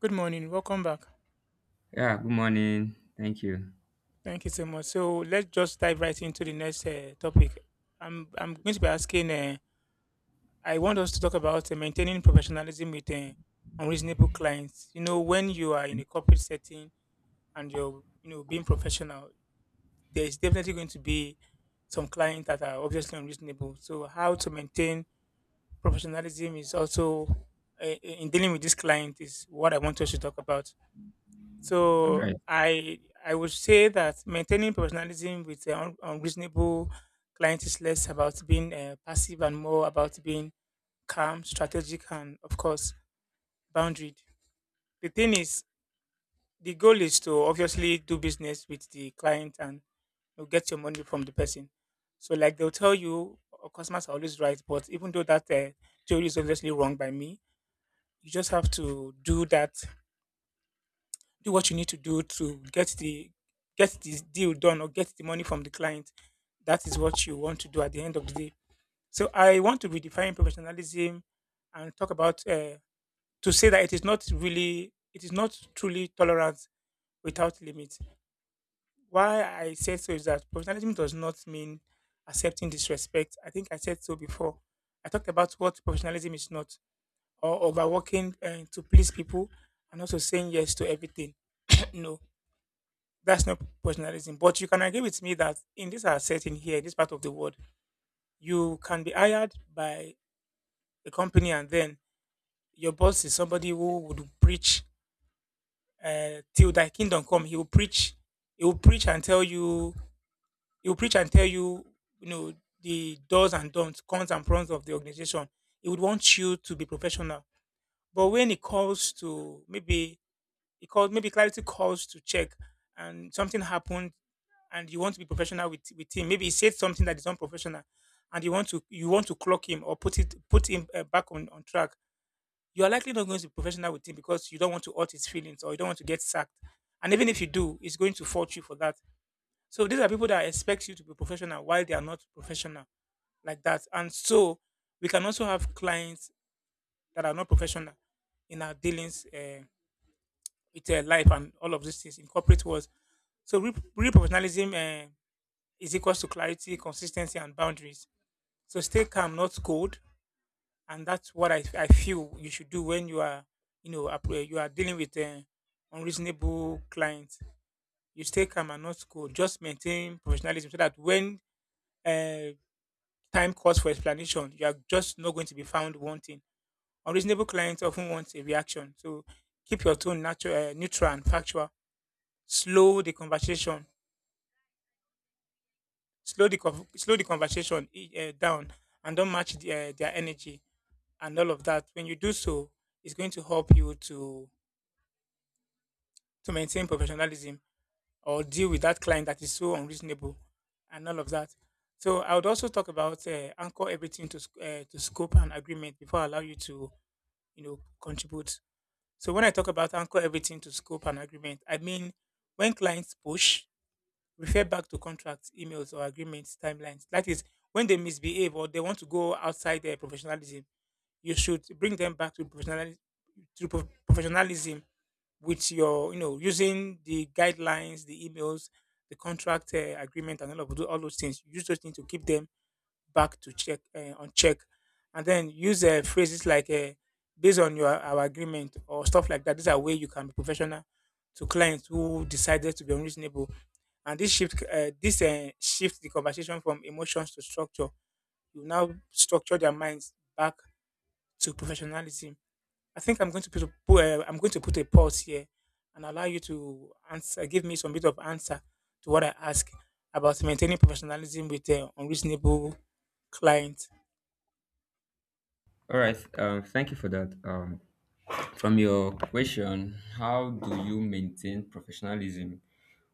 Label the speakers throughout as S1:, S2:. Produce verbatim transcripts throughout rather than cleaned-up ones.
S1: Good morning. Welcome back.
S2: Yeah, good morning. Thank you.
S1: Thank you so much. So let's just dive right into the next uh, topic. I'm I'm going to be asking. Uh, I want us to talk about uh, maintaining professionalism with uh, unreasonable clients. You know, when you are in a corporate setting and you're you know being professional, there is definitely going to be some clients that are obviously unreasonable. So how to maintain professionalism is also uh, in dealing with this client is what I want us to talk about.
S2: All
S1: So
S2: right.
S1: I I would say that maintaining professionalism with uh, un- unreasonable client is less about being uh, passive and more about being calm, strategic, and of course boundaried. The thing is, the goal is to obviously do business with the client and you get your money from the person. So like they'll tell you, "Oh, customers are always right," but even though that uh, theory is obviously wrong by me, you just have to do that do what you need to do to get the get this deal done or get the money from the client. That is what you want to do at the end of the day. So I want to redefine professionalism and talk about uh, to say that it is not really it is not truly tolerance without limits. Why I said so is that professionalism does not mean accepting disrespect. I think I said so before. I talked about what professionalism is not, or overworking uh, to please people, and also saying yes to everything. No, that's not professionalism. But you can agree with me that in this our setting here, in this part of the world, you can be hired by a company and then your boss is somebody who would preach uh, till thy kingdom come. He will preach. He will preach and tell you. He will preach and tell you. You know the does and don'ts, cons and pros of the organization. He would want you to be professional. But when it comes to maybe it called maybe clarity calls to check and something happened and you want to be professional with with him, maybe he said something that is unprofessional and you want to you want to clock him or put it put him uh, back on, on track, you are likely not going to be professional with him because you don't want to hurt his feelings or you don't want to get sacked, and even if you do, he's going to fault you for that. So these are people that expect you to be professional while they are not professional like that. And so we can also have clients that are not professional in our dealings uh, with uh, life and all of these things in corporate world. So real, real professionalism uh, is equals to clarity, consistency, and boundaries. So stay calm, not cold, and that's what I, I feel you should do when you are you know app- uh, you are dealing with uh, unreasonable clients. You stay calm and not cold. Just maintain professionalism so that when uh, time calls for explanation, you are just not going to be found wanting. Unreasonable clients often want a reaction, so keep your tone natural, uh, neutral and factual. Slow the conversation slow the conv- Slow the conversation uh, down and don't match the, uh, their energy and all of that. When you do so, it's going to help you to to maintain professionalism or deal with that client that is so unreasonable and all of that. So I would also talk about uh, anchor everything to sc- uh, to scope and agreement before I allow you to, you know, contribute. So when I talk about anchor everything to scope and agreement, I mean when clients push, refer back to contracts, emails, or agreements timelines. That is, when they misbehave or they want to go outside their professionalism, you should bring them back to professionalism, to prof- professionalism with your, you know, using the guidelines, the emails, the contract uh, agreement, and all of tho- all those things. Use those things to keep them back to check uh, on check, and then use uh, phrases like uh, "based on your our agreement" or stuff like that. These are way you can be professional to clients who decided to be unreasonable. And this shift uh, this uh, shift the conversation from emotions to structure. You now structure their minds back to professionalism. I think I'm going to put, a, pu- uh, I'm going to put a pause here and allow you to answer, give me some bit of answer to what I ask about maintaining professionalism with uh, unreasonable clients.
S2: All right. Uh, thank you for that. Um, from your question, how do you maintain professionalism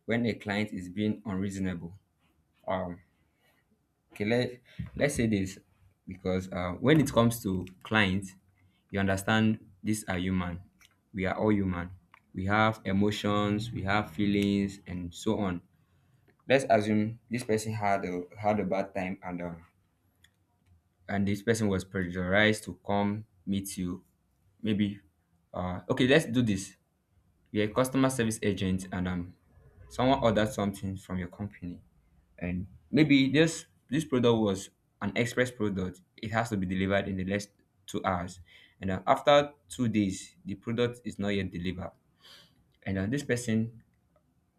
S2: when a client is being unreasonable? Um, okay, let, let's say this, because uh, when it comes to clients, you understand these are human. We are all human. We have emotions, we have feelings, and so on. Let's assume this person had a had a bad time, and um, and this person was pressurized to come meet you, maybe. Uh okay let's do this. You're a customer service agent, and um someone ordered something from your company, and maybe this this product was an express product. It has to be delivered in the next two hours, and uh, after two days the product is not yet delivered, and uh, this person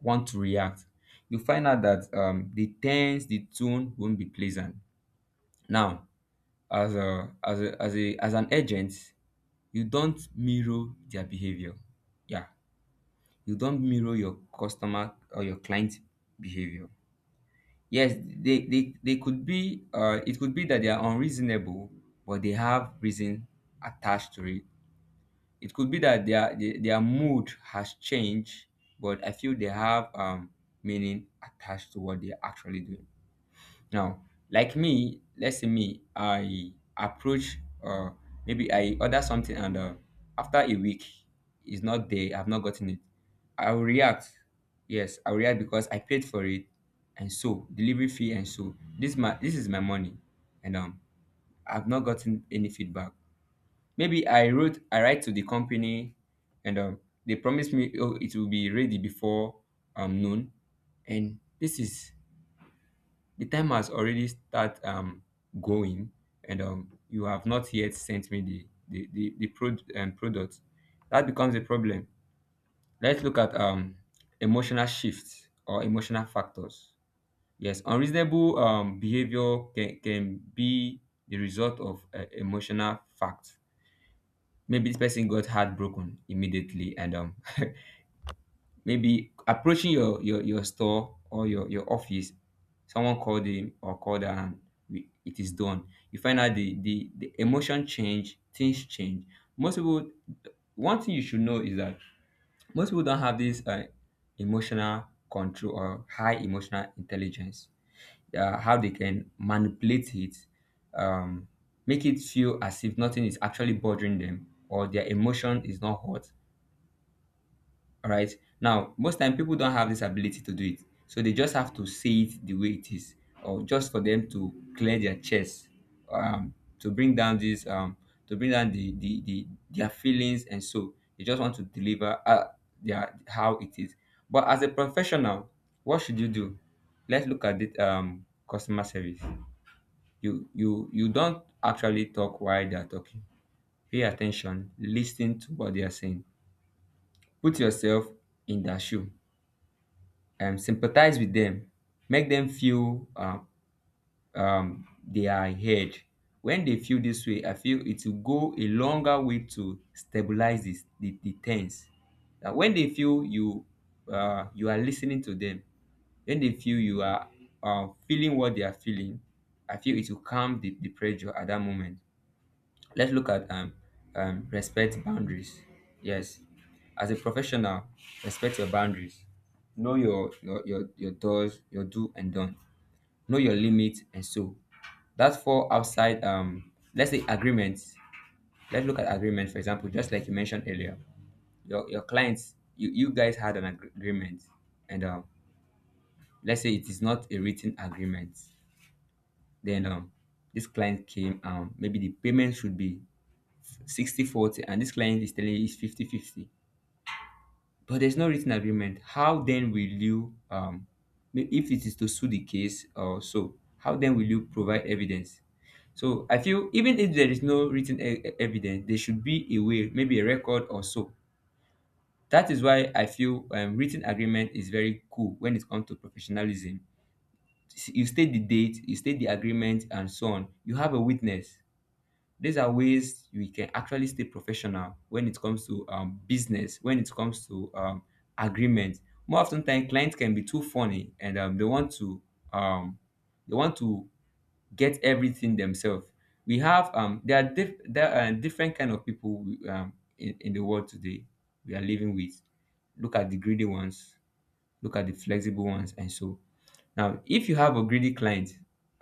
S2: want to react. You find out that um, the tense the tone won't be pleasant. Now, as a as a, as a as an agent, you don't mirror their behavior. Yeah, you don't mirror your customer or your client behavior. Yes, they they, they could be uh, it could be that they are unreasonable, but they have reason attached to it. It could be that their their their mood has changed, but I feel they have um meaning attached to what they're actually doing. Now, like me, let's say me, I approach, or maybe I order something, and uh, after a week it's not there, I've not gotten it. I'll react. Yes, I'll react because I paid for it and so delivery fee, and so this my this is my money, and um I've not gotten any feedback. Maybe I wrote I write to the company, and um they promised me, oh, it will be ready before um noon, and this is, the time has already start um, going, and um, you have not yet sent me the the the, the pro- um, product. That becomes a problem. Let's look at um, emotional shifts or emotional factors. Yes, unreasonable um, behavior can, can be the result of uh, emotional facts. Maybe this person got heartbroken immediately, and um, maybe approaching your your your store or your your office, someone called him or called her and, we, it is done. You find out the the the emotion change, things change. Most people, one thing you should know is that most people don't have this uh, emotional control or high emotional intelligence, uh, how they can manipulate it, um make it feel as if nothing is actually bothering them, or their emotion is not hurt. All right. Now, most time people don't have this ability to do it. So they just have to say it the way it is, or just for them to clear their chest, um, to bring down this, um, to bring down the, the, the their feelings, and so they just want to deliver uh, their, how it is. But as a professional, what should you do? Let's look at it. Um, customer service. You you you don't actually talk while they are talking. Pay attention. Listen to what they are saying. Put yourself in their shoe, um, sympathize with them, make them feel um, um, they are heard. When they feel this way, I feel it will go a longer way to stabilize this, the, the tense, that when they feel you, uh, you are listening to them, when they feel you are uh, feeling what they are feeling, I feel it will calm the, the pressure at that moment. Let's look at um, um, respect boundaries. Yes, as a professional, respect your boundaries. Know your your your, your does, your do and don't. Know your limits and so. That's for outside. Um, let's say agreements. Let's look at agreements. For example, just like you mentioned earlier, your your clients, you you guys had an ag- agreement, and um, let's say it is not a written agreement. Then um, this client came. Um, maybe the payment should be Sixty forty, and this client is telling you it's fifty fifty. But there's no written agreement. How then will you, um if it is to sue the case or so, how then will you provide evidence? So I feel, even if there is no written e- e- evidence, there should be a way, maybe a record or so. That is why I feel um, written agreement is very cool when it comes to professionalism. You state the date, you state the agreement, and so on, you have a witness. These are ways we can actually stay professional when it comes to um, business, when it comes to um, agreement. More often than, clients can be too funny, and um, they want to um, they want to get everything themselves. We have um, there are diff- there are different kind of people um, in, in the world today we are living with. Look at the greedy ones, look at the flexible ones. And so now, if you have a greedy client,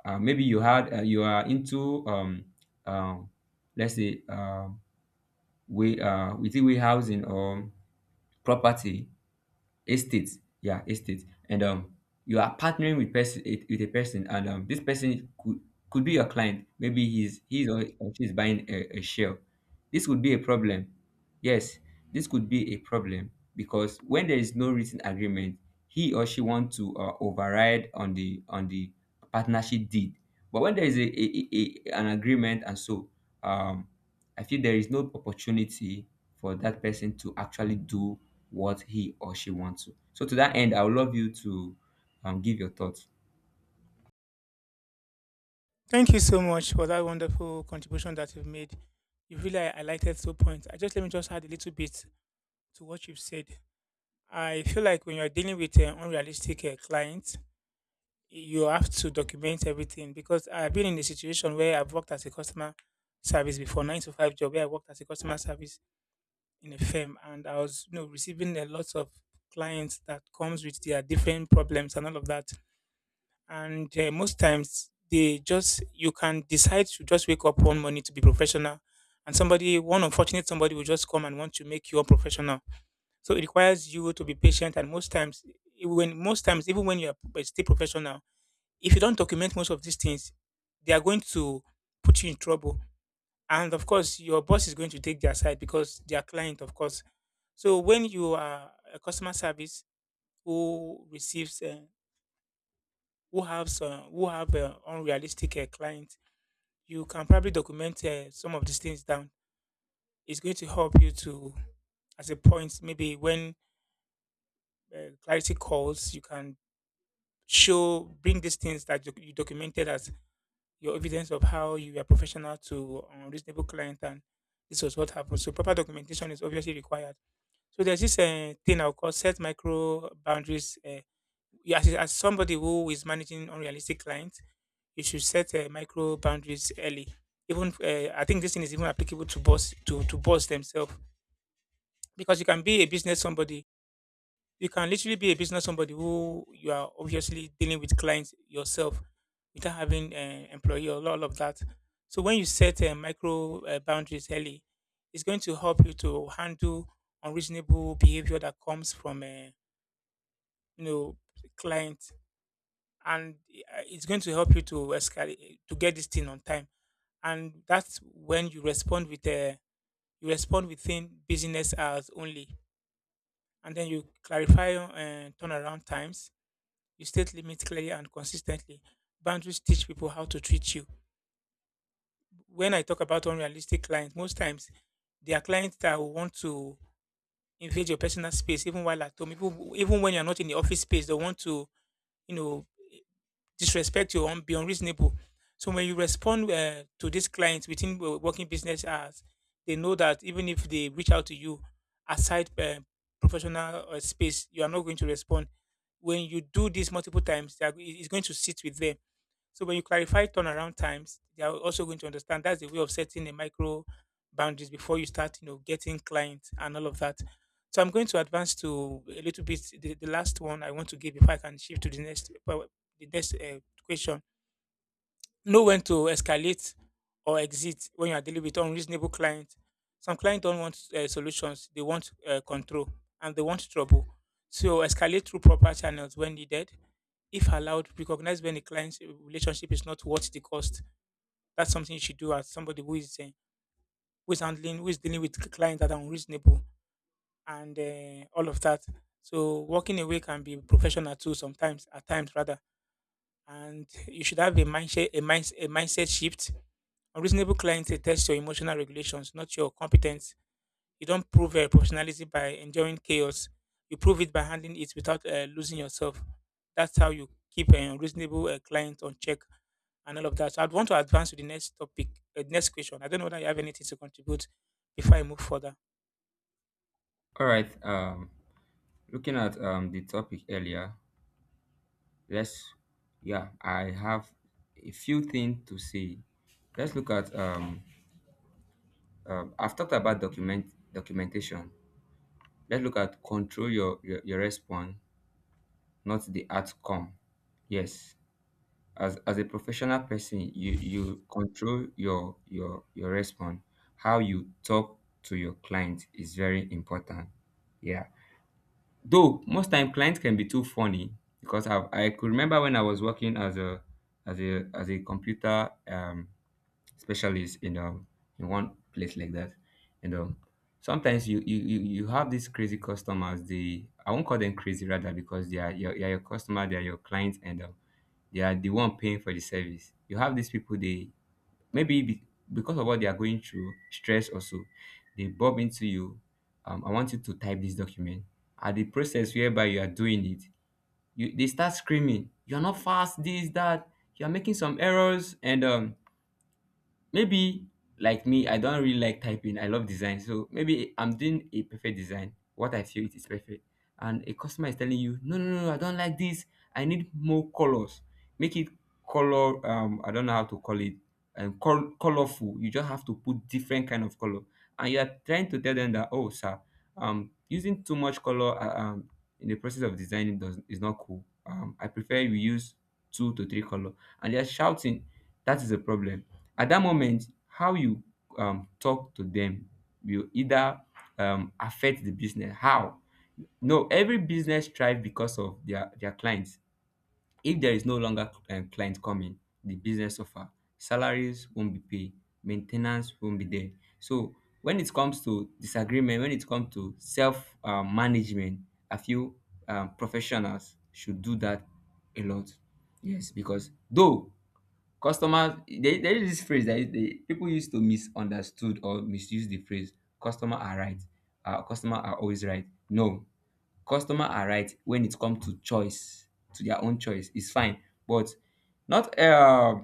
S2: uh, maybe you had, uh, you are into um, um, let's say um, way uh, within warehousing or property, estate. Yeah, estate. And um you are partnering with person with a person, and um this person could could be your client. Maybe he's he's or or she's buying a, a share. This would be a problem. Yes, this could be a problem, because when there is no written agreement, he or she want to uh, override on the on the partnership deed. But when there is a, a, a a- an agreement, and so um I feel there is no opportunity for that person to actually do what he or she wants to. So to that end, I would love you to um, give your thoughts.
S1: Thank you so much for that wonderful contribution that you've made. You really highlighted two points. I just Let me just add a little bit to what you've said. I feel like when you're dealing with uh, unrealistic uh, clients, you have to document everything, because I've been in a situation where I've worked as a customer service before, nine to five job, where I worked as a customer service in a firm, and I was, you know, receiving a lot of clients that comes with their different problems and all of that. And uh, most times, they just you can decide to just wake up one morning to be professional, and somebody, one unfortunate somebody, will just come and want to make you unprofessional. So it requires you to be patient. And most times when most times, even when you are still professional, if you don't document most of these things, they are going to put you in trouble. And of course, your boss is going to take their side because they are client, of course. So when you are a customer service who receives, uh, who has, uh, who have uh, unrealistic uh, clients, you can probably document uh, some of these things down. It's going to help you to, as a point, maybe when uh, clarity calls, you can show, bring these things that you you documented as your evidence of how you are professional to um, reasonable client and this was what happened. So proper documentation is obviously required. So there's this uh, thing I'll call set micro boundaries. Uh, you- as, as somebody who is managing unrealistic clients, you should set uh, micro boundaries early. Even uh, I think this thing is even applicable to boss to to boss themselves, because you can be a business somebody, you can literally be a business somebody who you are obviously dealing with clients yourself without having an employee or all of that. So when you set uh, micro uh, boundaries early, it's going to help you to handle unreasonable behavior that comes from a, you know, client, and uh, it's going to help you to escalate to get this thing on time. And that's when you respond with a you respond within business hours only, and then you clarify uh, turnaround times. You state limits clearly and consistently. Boundaries teach people how to treat you. When I talk about unrealistic clients, most times there are clients that will want to invade your personal space, even while at home, even, even when you're not in the office space. They want to, you know, disrespect you and be unreasonable. So when you respond uh, to these clients within wo- working business hours, they know that even if they reach out to you aside uh, professional uh, space, you are not going to respond. When you do this multiple times, they are- it- it's going to sit with them. So when you clarify turnaround times, they are also going to understand that's the way of setting the micro boundaries before you start, you know, getting clients and all of that. So I'm going to advance to a little bit the, the last one I want to give before I can shift to the next uh, the next uh, question. Know when to escalate or exit when you are dealing with unreasonable clients. Some clients don't want uh, solutions, they want uh, control and they want trouble. So, escalate through proper channels when needed. If allowed, recognize when the client's relationship is not worth the cost. That's something you should do as somebody who is, uh, who is handling, who is dealing with clients that are unreasonable and uh, all of that. So, walking away can be professional too, sometimes, at times rather, and you should have a mindset a, mind, a mindset shift. Unreasonable clients, they test your emotional regulations, not your competence. You don't prove your professionalism by enjoying chaos. You prove it by handling it without uh, losing yourself. That's how you keep an unreasonable uh, client on check and all of that. So I'd want to advance to the next topic, uh, next question. I don't know whether you have anything to contribute before I move further.
S2: All right. Um, looking at um, the topic earlier, let's yeah, I have a few things to say. Let's look at um, um I've talked about document documentation. Let's look at, control your your, your response, not the outcome. Yes, as as a professional person, you you control your your your response, how you talk to your client is very important. Yeah, though most time clients can be too funny. Because i i could remember when I was working as a as a as a computer um specialist in um in one place like that, and um sometimes, you you you you have these crazy customers. They, I won't call them crazy rather, because they are your, they are your customer, they are your clients, and um they are the one paying for the service. You have these people, they maybe be, because of what they are going through, stress or so, they bob into you. Um, I want you to type this document. At the process whereby you are doing it, you they start screaming, "You are not fast, this, that. You are making some errors." And um, maybe, like me, I don't really like typing, I love design, so maybe I'm doing a perfect design, what I feel it is perfect, and a customer is telling you, "No, no, no, no, I don't like this, I need more colors, make it color, um I don't know how to call it, and col- colorful." You just have to put different kind of color, and you are trying to tell them that, oh, sir, um using too much color, uh, um in the process of designing does is not cool, um I prefer you use two to three color, and they're shouting. That is a problem. At that moment, how you um, talk to them will either um, affect the business. How? No, every business thrive because of their, their clients. If there is no longer um, client coming, the business suffer. Salaries won't be paid, maintenance won't be there. So when it comes to disagreement, when it comes to self um, management, I feel um, professionals should do that a lot. Yes, because, though, customer, there, there is this phrase that is- they, people used to misunderstood or misuse the phrase, customer are right. Uh, customer are always right. No, customer are right when it comes to choice, to their own choice. It's fine. But not uh,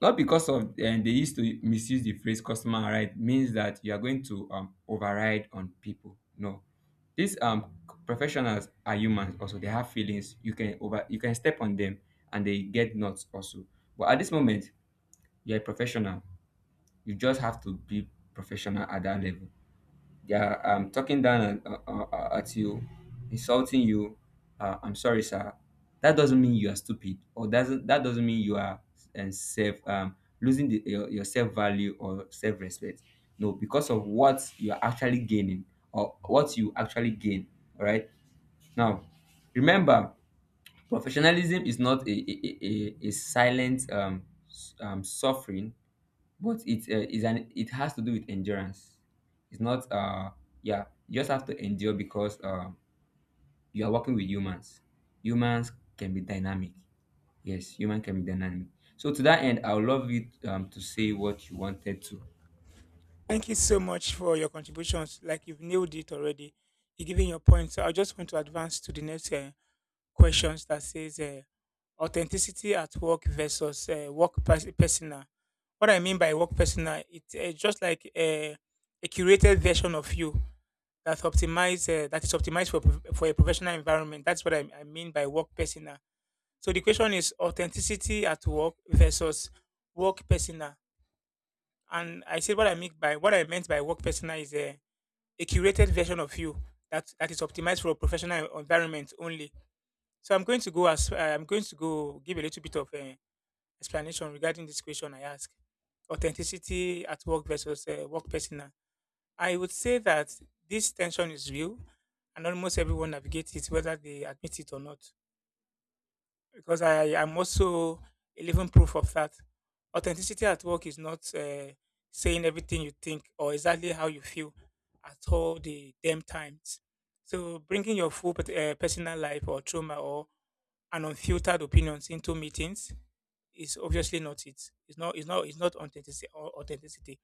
S2: not because of uh, they used to misuse the phrase customer are right, means that you are going to um, override on people. No. These um professionals are humans also. They have feelings. You can over you can step on them, and they get nuts also. But at this moment, you're a professional. You just have to be professional at that level. They are um, talking down at, uh, uh, uh, at you, insulting you. Uh, I'm sorry, sir, that doesn't mean you are stupid, or doesn't that doesn't mean you are, and self um, losing the, your, your self value or self respect. No, because of what you are actually gaining, or what you actually gain. All right. Now, remember, professionalism is not a a, a, a a silent um, s- um, suffering, but it's uh, is an it has to do with endurance. It's not uh Yeah, you just have to endure because uh, you are working with humans. Humans can be dynamic. Yes, human can be dynamic. So to that end, I would love you um, to say what you wanted to.
S1: Thank you so much for your contributions. Like you've nailed it already. You're giving your points. So I just want to advance to the next uh, questions that says uh, authenticity at work versus uh, work pers- personal. What I mean by work personal, it's uh, just like uh, a curated version of you that optimize uh, that is optimized for prof- for a professional environment. That's what I, I mean by work personal. So the question is authenticity at work versus work personal. And I said what I mean by what I meant by work personal is a, a curated version of you that, that is optimized for a professional environment only. So I'm going to go as uh, I'm going to go give a little bit of uh, explanation regarding this question I asked: authenticity at work versus uh, work persona. I would say that this tension is real, and almost everyone navigates it, whether they admit it or not. Because I am also a living proof of that. Authenticity at work is not uh, saying everything you think or exactly how you feel at all the damn times. So bringing your full pet- uh, personal life or trauma or and unfiltered opinions into meetings is obviously not it. It's not it's not it's not authenticity or authenticity.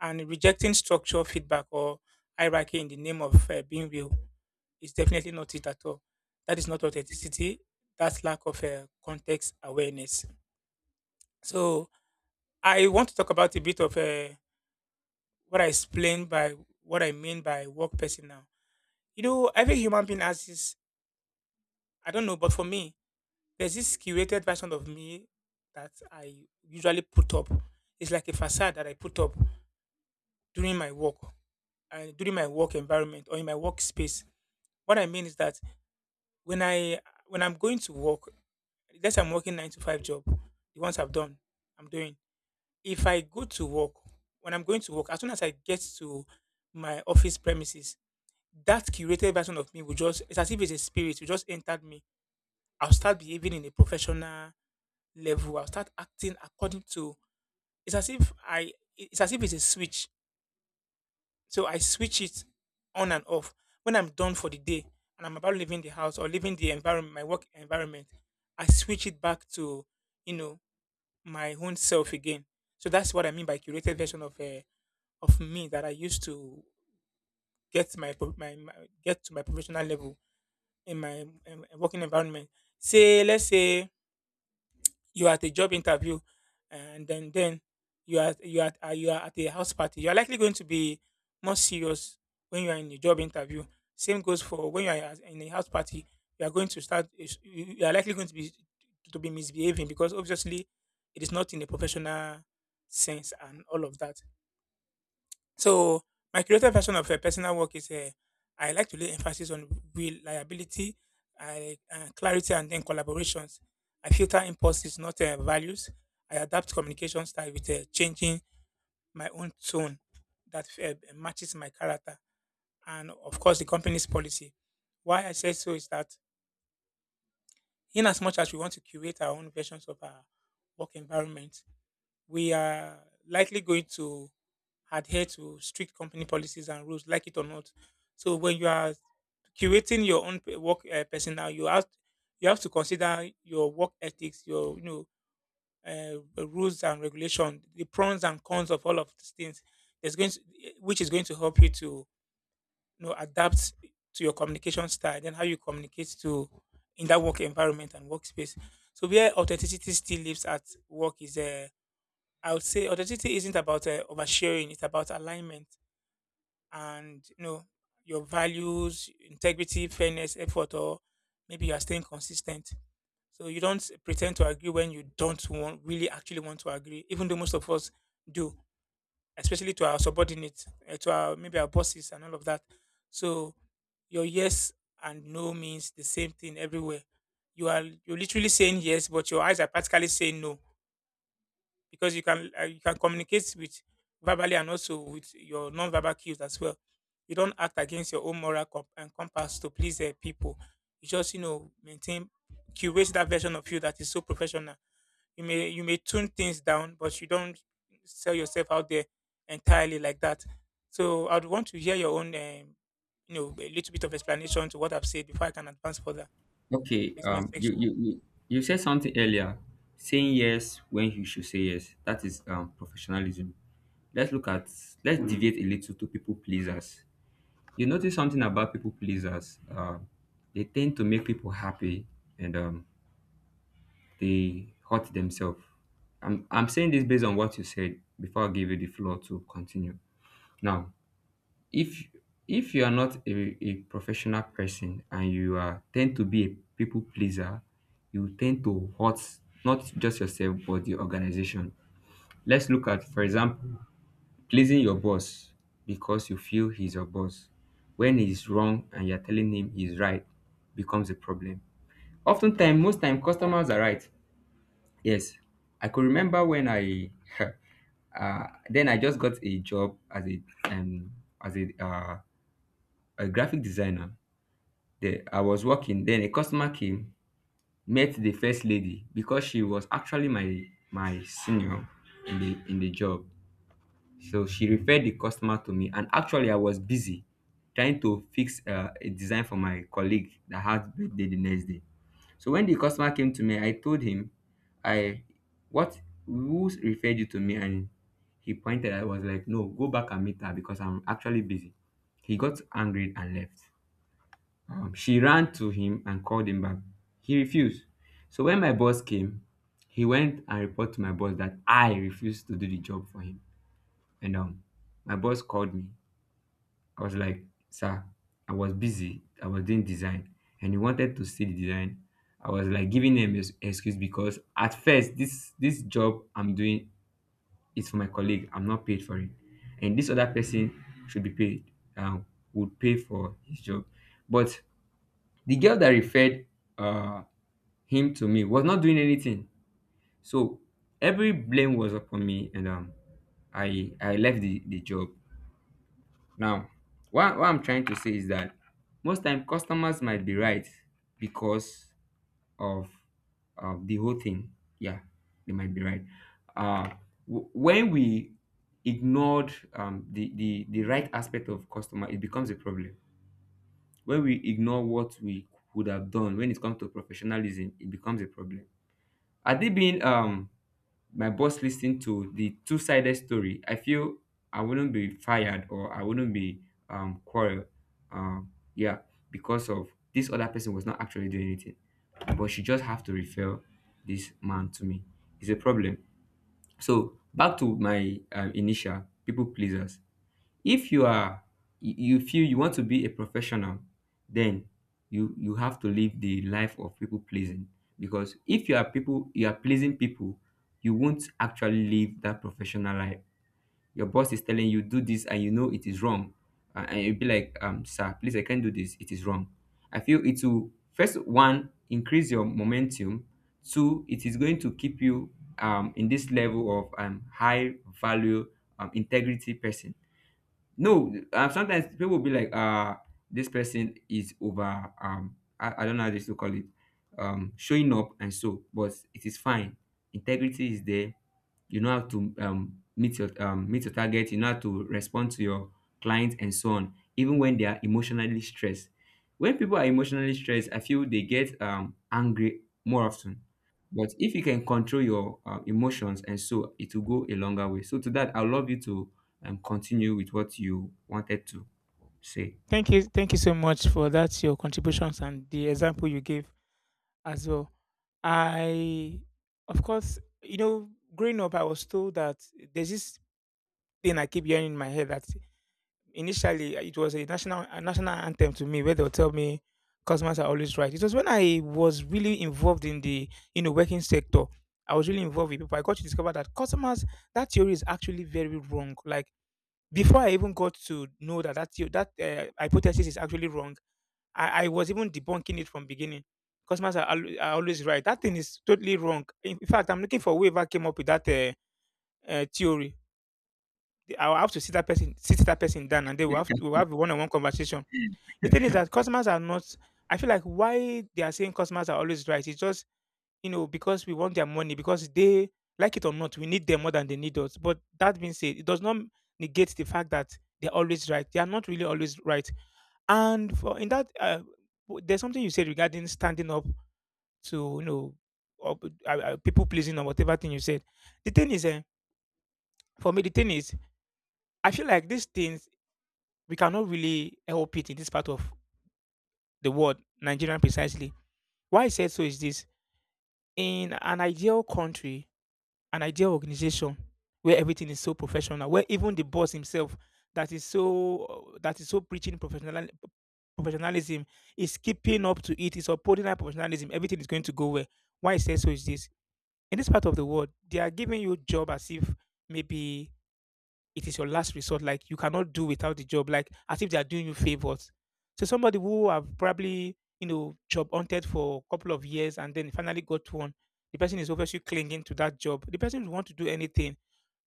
S1: And rejecting structural feedback or hierarchy in the name of uh, being real is definitely not it at all. That is not authenticity. That's lack of uh, context awareness. So I want to talk about a bit of uh, what I explained by what I mean by work person now. You know, every human being has this. I don't know, but for me, there's this curated version of me that I usually put up. It's like a facade that I put up during my work and during my work environment or in my workspace. What I mean is that when I when I'm going to work, let's say I'm working nine to five job, the ones I've done, I'm doing. If I go to work, when I'm going to work, as soon as I get to my office premises, that curated version of me will just, it's as if it's a spirit, it just entered me. I'll start behaving in a professional level, I'll start acting according to, it's as if I it's as if it's a switch. So I switch it on and off. When I'm done for the day and I'm about leaving the house or leaving the environment my work environment, I switch it back to, you know, my own self again. So that's what I mean by curated version of uh, of me that I used to get my, pro- my my get to my professional level in my um, working environment. Say let's say you're at a job interview and then then you are you are uh, you are at a house party, you're likely going to be more serious when you are in a job interview. Same goes for when you are at- in a house party, you are going to start is- you you are likely going to be to be misbehaving because obviously it is not in a professional sense and all of that. So my creative version of a personal work is uh, I like to lay emphasis on reliability, I, uh, clarity, and then collaborations. I filter impulses, not uh, values. I adapt communication style with uh, changing my own tone that uh, matches my character and, of course, the company's policy. Why I say so is that in as much as we want to curate our own versions of our work environment, we are likely going to adhere to strict company policies and rules, like it or not. So when you are curating your own pe- work uh, personnel, you have you have to consider your work ethics, your, you know, uh, rules and regulation, the pros and cons of all of these things. There's going to, eh, which is going to help you to, you know, adapt to your communication style, then how you communicate to in that work environment and workspace. So where authenticity still lives at work is uh, I would say authenticity isn't about uh, oversharing; it's about alignment and, you know, your values, integrity, fairness, effort, or maybe you are staying consistent. So you don't pretend to agree when you don't want really actually want to agree, even though most of us do, especially to our subordinates, eh, to our maybe our bosses and all of that. So your yes and no means the same thing everywhere. You are you're literally saying yes, but your eyes are practically saying no, because you can uh, you can communicate with verbally and also with your non-verbal cues as well. You don't act against your own moral comp- and compass to please uh, people. You just, you know, maintain curate that version of you that is so professional. You may you may tune things down, but you don't sell yourself out there entirely like that. So I'd want to hear your own um, you know, a little bit of explanation to what I've said before I can advance further
S2: Okay.
S1: with my
S2: um you
S1: section.
S2: you you you said something earlier, saying yes when you should say yes, that is um professionalism. Let's look at— let's deviate a little to people pleasers. You notice something about people pleasers. Um, they tend to make people happy and um, they hurt themselves. I'm, I'm saying this based on what you said before I give you the floor to continue. Now, if if you are not a, a professional person and you are tend to be a people pleaser, you tend to hurt not just yourself but the organization. Let's look at, for example, pleasing your boss because you feel he's your boss when he's wrong and you're telling him he's right becomes a problem. Oftentimes, most time customers are right. Yes, I could remember when I uh, then I just got a job as a um, as a uh, a graphic designer. The, I was working. Then a customer came, met the first lady because she was actually my my senior in the in the job. So she referred the customer to me, and actually, I was busy trying to fix uh, a design for my colleague that had birthday the next day. So when the customer came to me, I told him, "I— what who referred you to me?" And he pointed. I was like, "No, go back and meet her because I'm actually busy." He got angry and left. Um, she ran to him and called him back. He refused. So when my boss came, he went and reported to my boss that I refused to do the job for him. And um, my boss called me. I was like, sir, I was busy. I was doing design. And he wanted to see the design. I was like giving him an excuse because at first, this this job I'm doing is for my colleague. I'm not paid for it. And this other person should be paid, um, would pay for his job. But the girl that referred uh, him to me was not doing anything. So every blame was upon me, and um I I left the, the job. Now, what, what I'm trying to say is that most time customers might be right because of— of the whole thing. Yeah, they might be right. Uh, w- when we ignored um, the, the the right aspect of customer, it becomes a problem. When we ignore what we would have done when it comes to professionalism, it becomes a problem. Are they being um my boss listened to the two-sided story, I feel I wouldn't be fired or I wouldn't be um quarrel. Um, yeah, because of this other person was not actually doing anything, but she just have to refer this man to me. It's a problem. So back to my um, initial people pleasers, if you are— you feel you want to be a professional, then you you have to live the life of people pleasing. Because if you are people— you are pleasing people, you won't actually live that professional life. Your boss is telling you do this and you know it is wrong, uh, and you'll be like, um sir, please, I can't do this, it is wrong. I feel it will, first one, increase your momentum. Two, it is going to keep you um in this level of um high value, um integrity person. No, um, sometimes people will be like, uh this person is over— um I, I don't know how they still call it, um showing up and so, but it is fine. Integrity is there. You know how to um meet your um meet your target. You know how to respond to your clients and so on, even when they are emotionally stressed. When people are emotionally stressed, I feel they get um angry more often. But if you can control your um, emotions and so, it will go a longer way. So to that, I love you to— and continue with what you wanted to say.
S1: Thank you, thank you so much for that your contributions and the example you gave as well. I, of course, you know, growing up, I was told that there's this thing I keep hearing in my head that initially it was a national a national anthem to me where they'll tell me customers are always right. It was when I was really involved in the, you know, working sector. I was really involved with people. I got to discover that customers that theory is actually very wrong. Like before I even got to know that that theo- that uh, hypothesis is actually wrong. I, I was even debunking it from beginning. Customers are, al- are always right. That thing is totally wrong. In, in fact, I'm looking for whoever came up with that uh, uh, theory. The- I'll have to sit that person, sit that person down, and they will have to, we'll have a one-on-one conversation. The thing is that customers are not. I feel like why they are saying customers are always right, it's just, you know, because we want their money, because they, like it or not, we need them more than they need us. But that being said, it does not negate the fact that they're always right. They are not really always right. And for in that, uh, w- there's something you said regarding standing up to, you know, up, uh, uh, people pleasing or whatever thing you said. The thing is, uh, for me, the thing is, I feel like these things we cannot really help it in this part of the world, Nigerian precisely. Why I said so is this: in an ideal country, an ideal organization where everything is so professional, where even the boss himself that is so that is so preaching professional professionalism, is keeping up to it, is upholding that professionalism, everything is going to go well. Why I say so is this: in this part of the world, they are giving you job as if maybe it is your last resort. Like you cannot do without the job. Like as if they are doing you favors. So somebody who have probably, you know, job hunted for a couple of years and then finally got one, the person is obviously clinging to that job. The person will want to do anything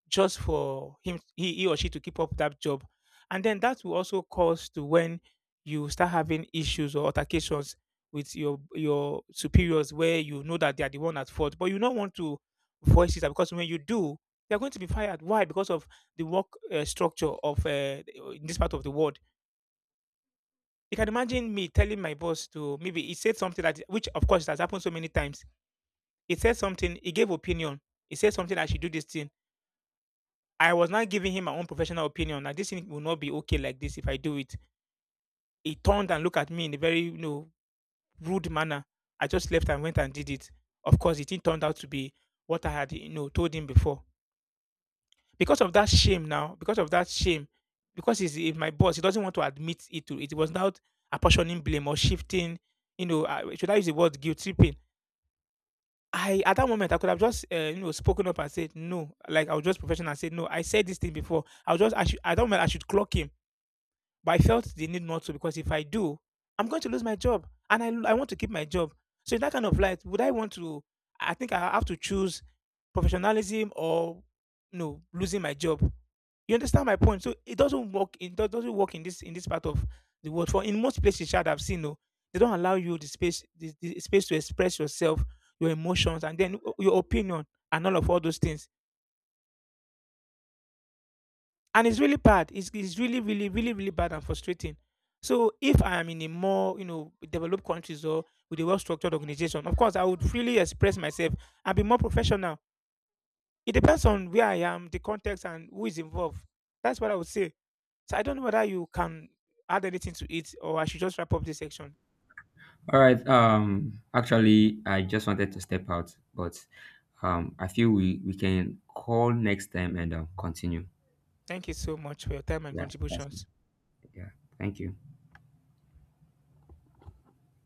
S1: just for him he, he or she to keep up that job, and then that will also cause to when you start having issues or altercations with your your superiors where you know that they are the one at fault but you don't want to voice it out because when you do, they're going to be fired. Why? Because of the work uh, structure of uh, in this part of the world. You can imagine me telling my boss to, maybe he said something that, which of course it has happened so many times, he said something, he gave opinion, he said something I should do this thing. I was not giving him my own professional opinion that this thing will not be okay like this if I do it. He turned and looked at me in a very, you know, rude manner. I just left and went and did it. Of course, it didn't turn out to be what I had, you know, told him before. Because of that shame now, because of that shame, because he's, he's my boss, he doesn't want to admit it to it. Was not apportioning blame or shifting, you know, uh, should I use the word guilt tripping? I at that moment I could have just uh, you know, spoken up and said no, like I was just professional and said no. I said this thing before. I was just I should I don't mind I should clock him. But I felt the need not to because if I do, I'm going to lose my job and I, I want to keep my job. So in that kind of light, would I want to? I think I have to choose professionalism or no, losing my job. You understand my point? So it doesn't work. It do- doesn't work in this in this part of the world. For in most places, child, I've seen, no, they don't allow you the space, the, the space to express yourself, your emotions, and then your opinion and all of all those things, and it's really bad. It's, it's really, really, really, really bad and frustrating. So if I am in a more, you know, developed countries or with a well-structured organization, of course, I would freely express myself and be more professional. It depends on where I am, the context, and who is involved. That's what I would say. So I don't know whether you can add anything to it, or I should just wrap up this section.
S2: All right. Um, actually, I just wanted to step out, but um, I feel we we can call next time and uh, continue.
S1: Thank you so much for your time and
S2: Yeah, that's it.
S1: contributions.
S2: Yeah. Thank you.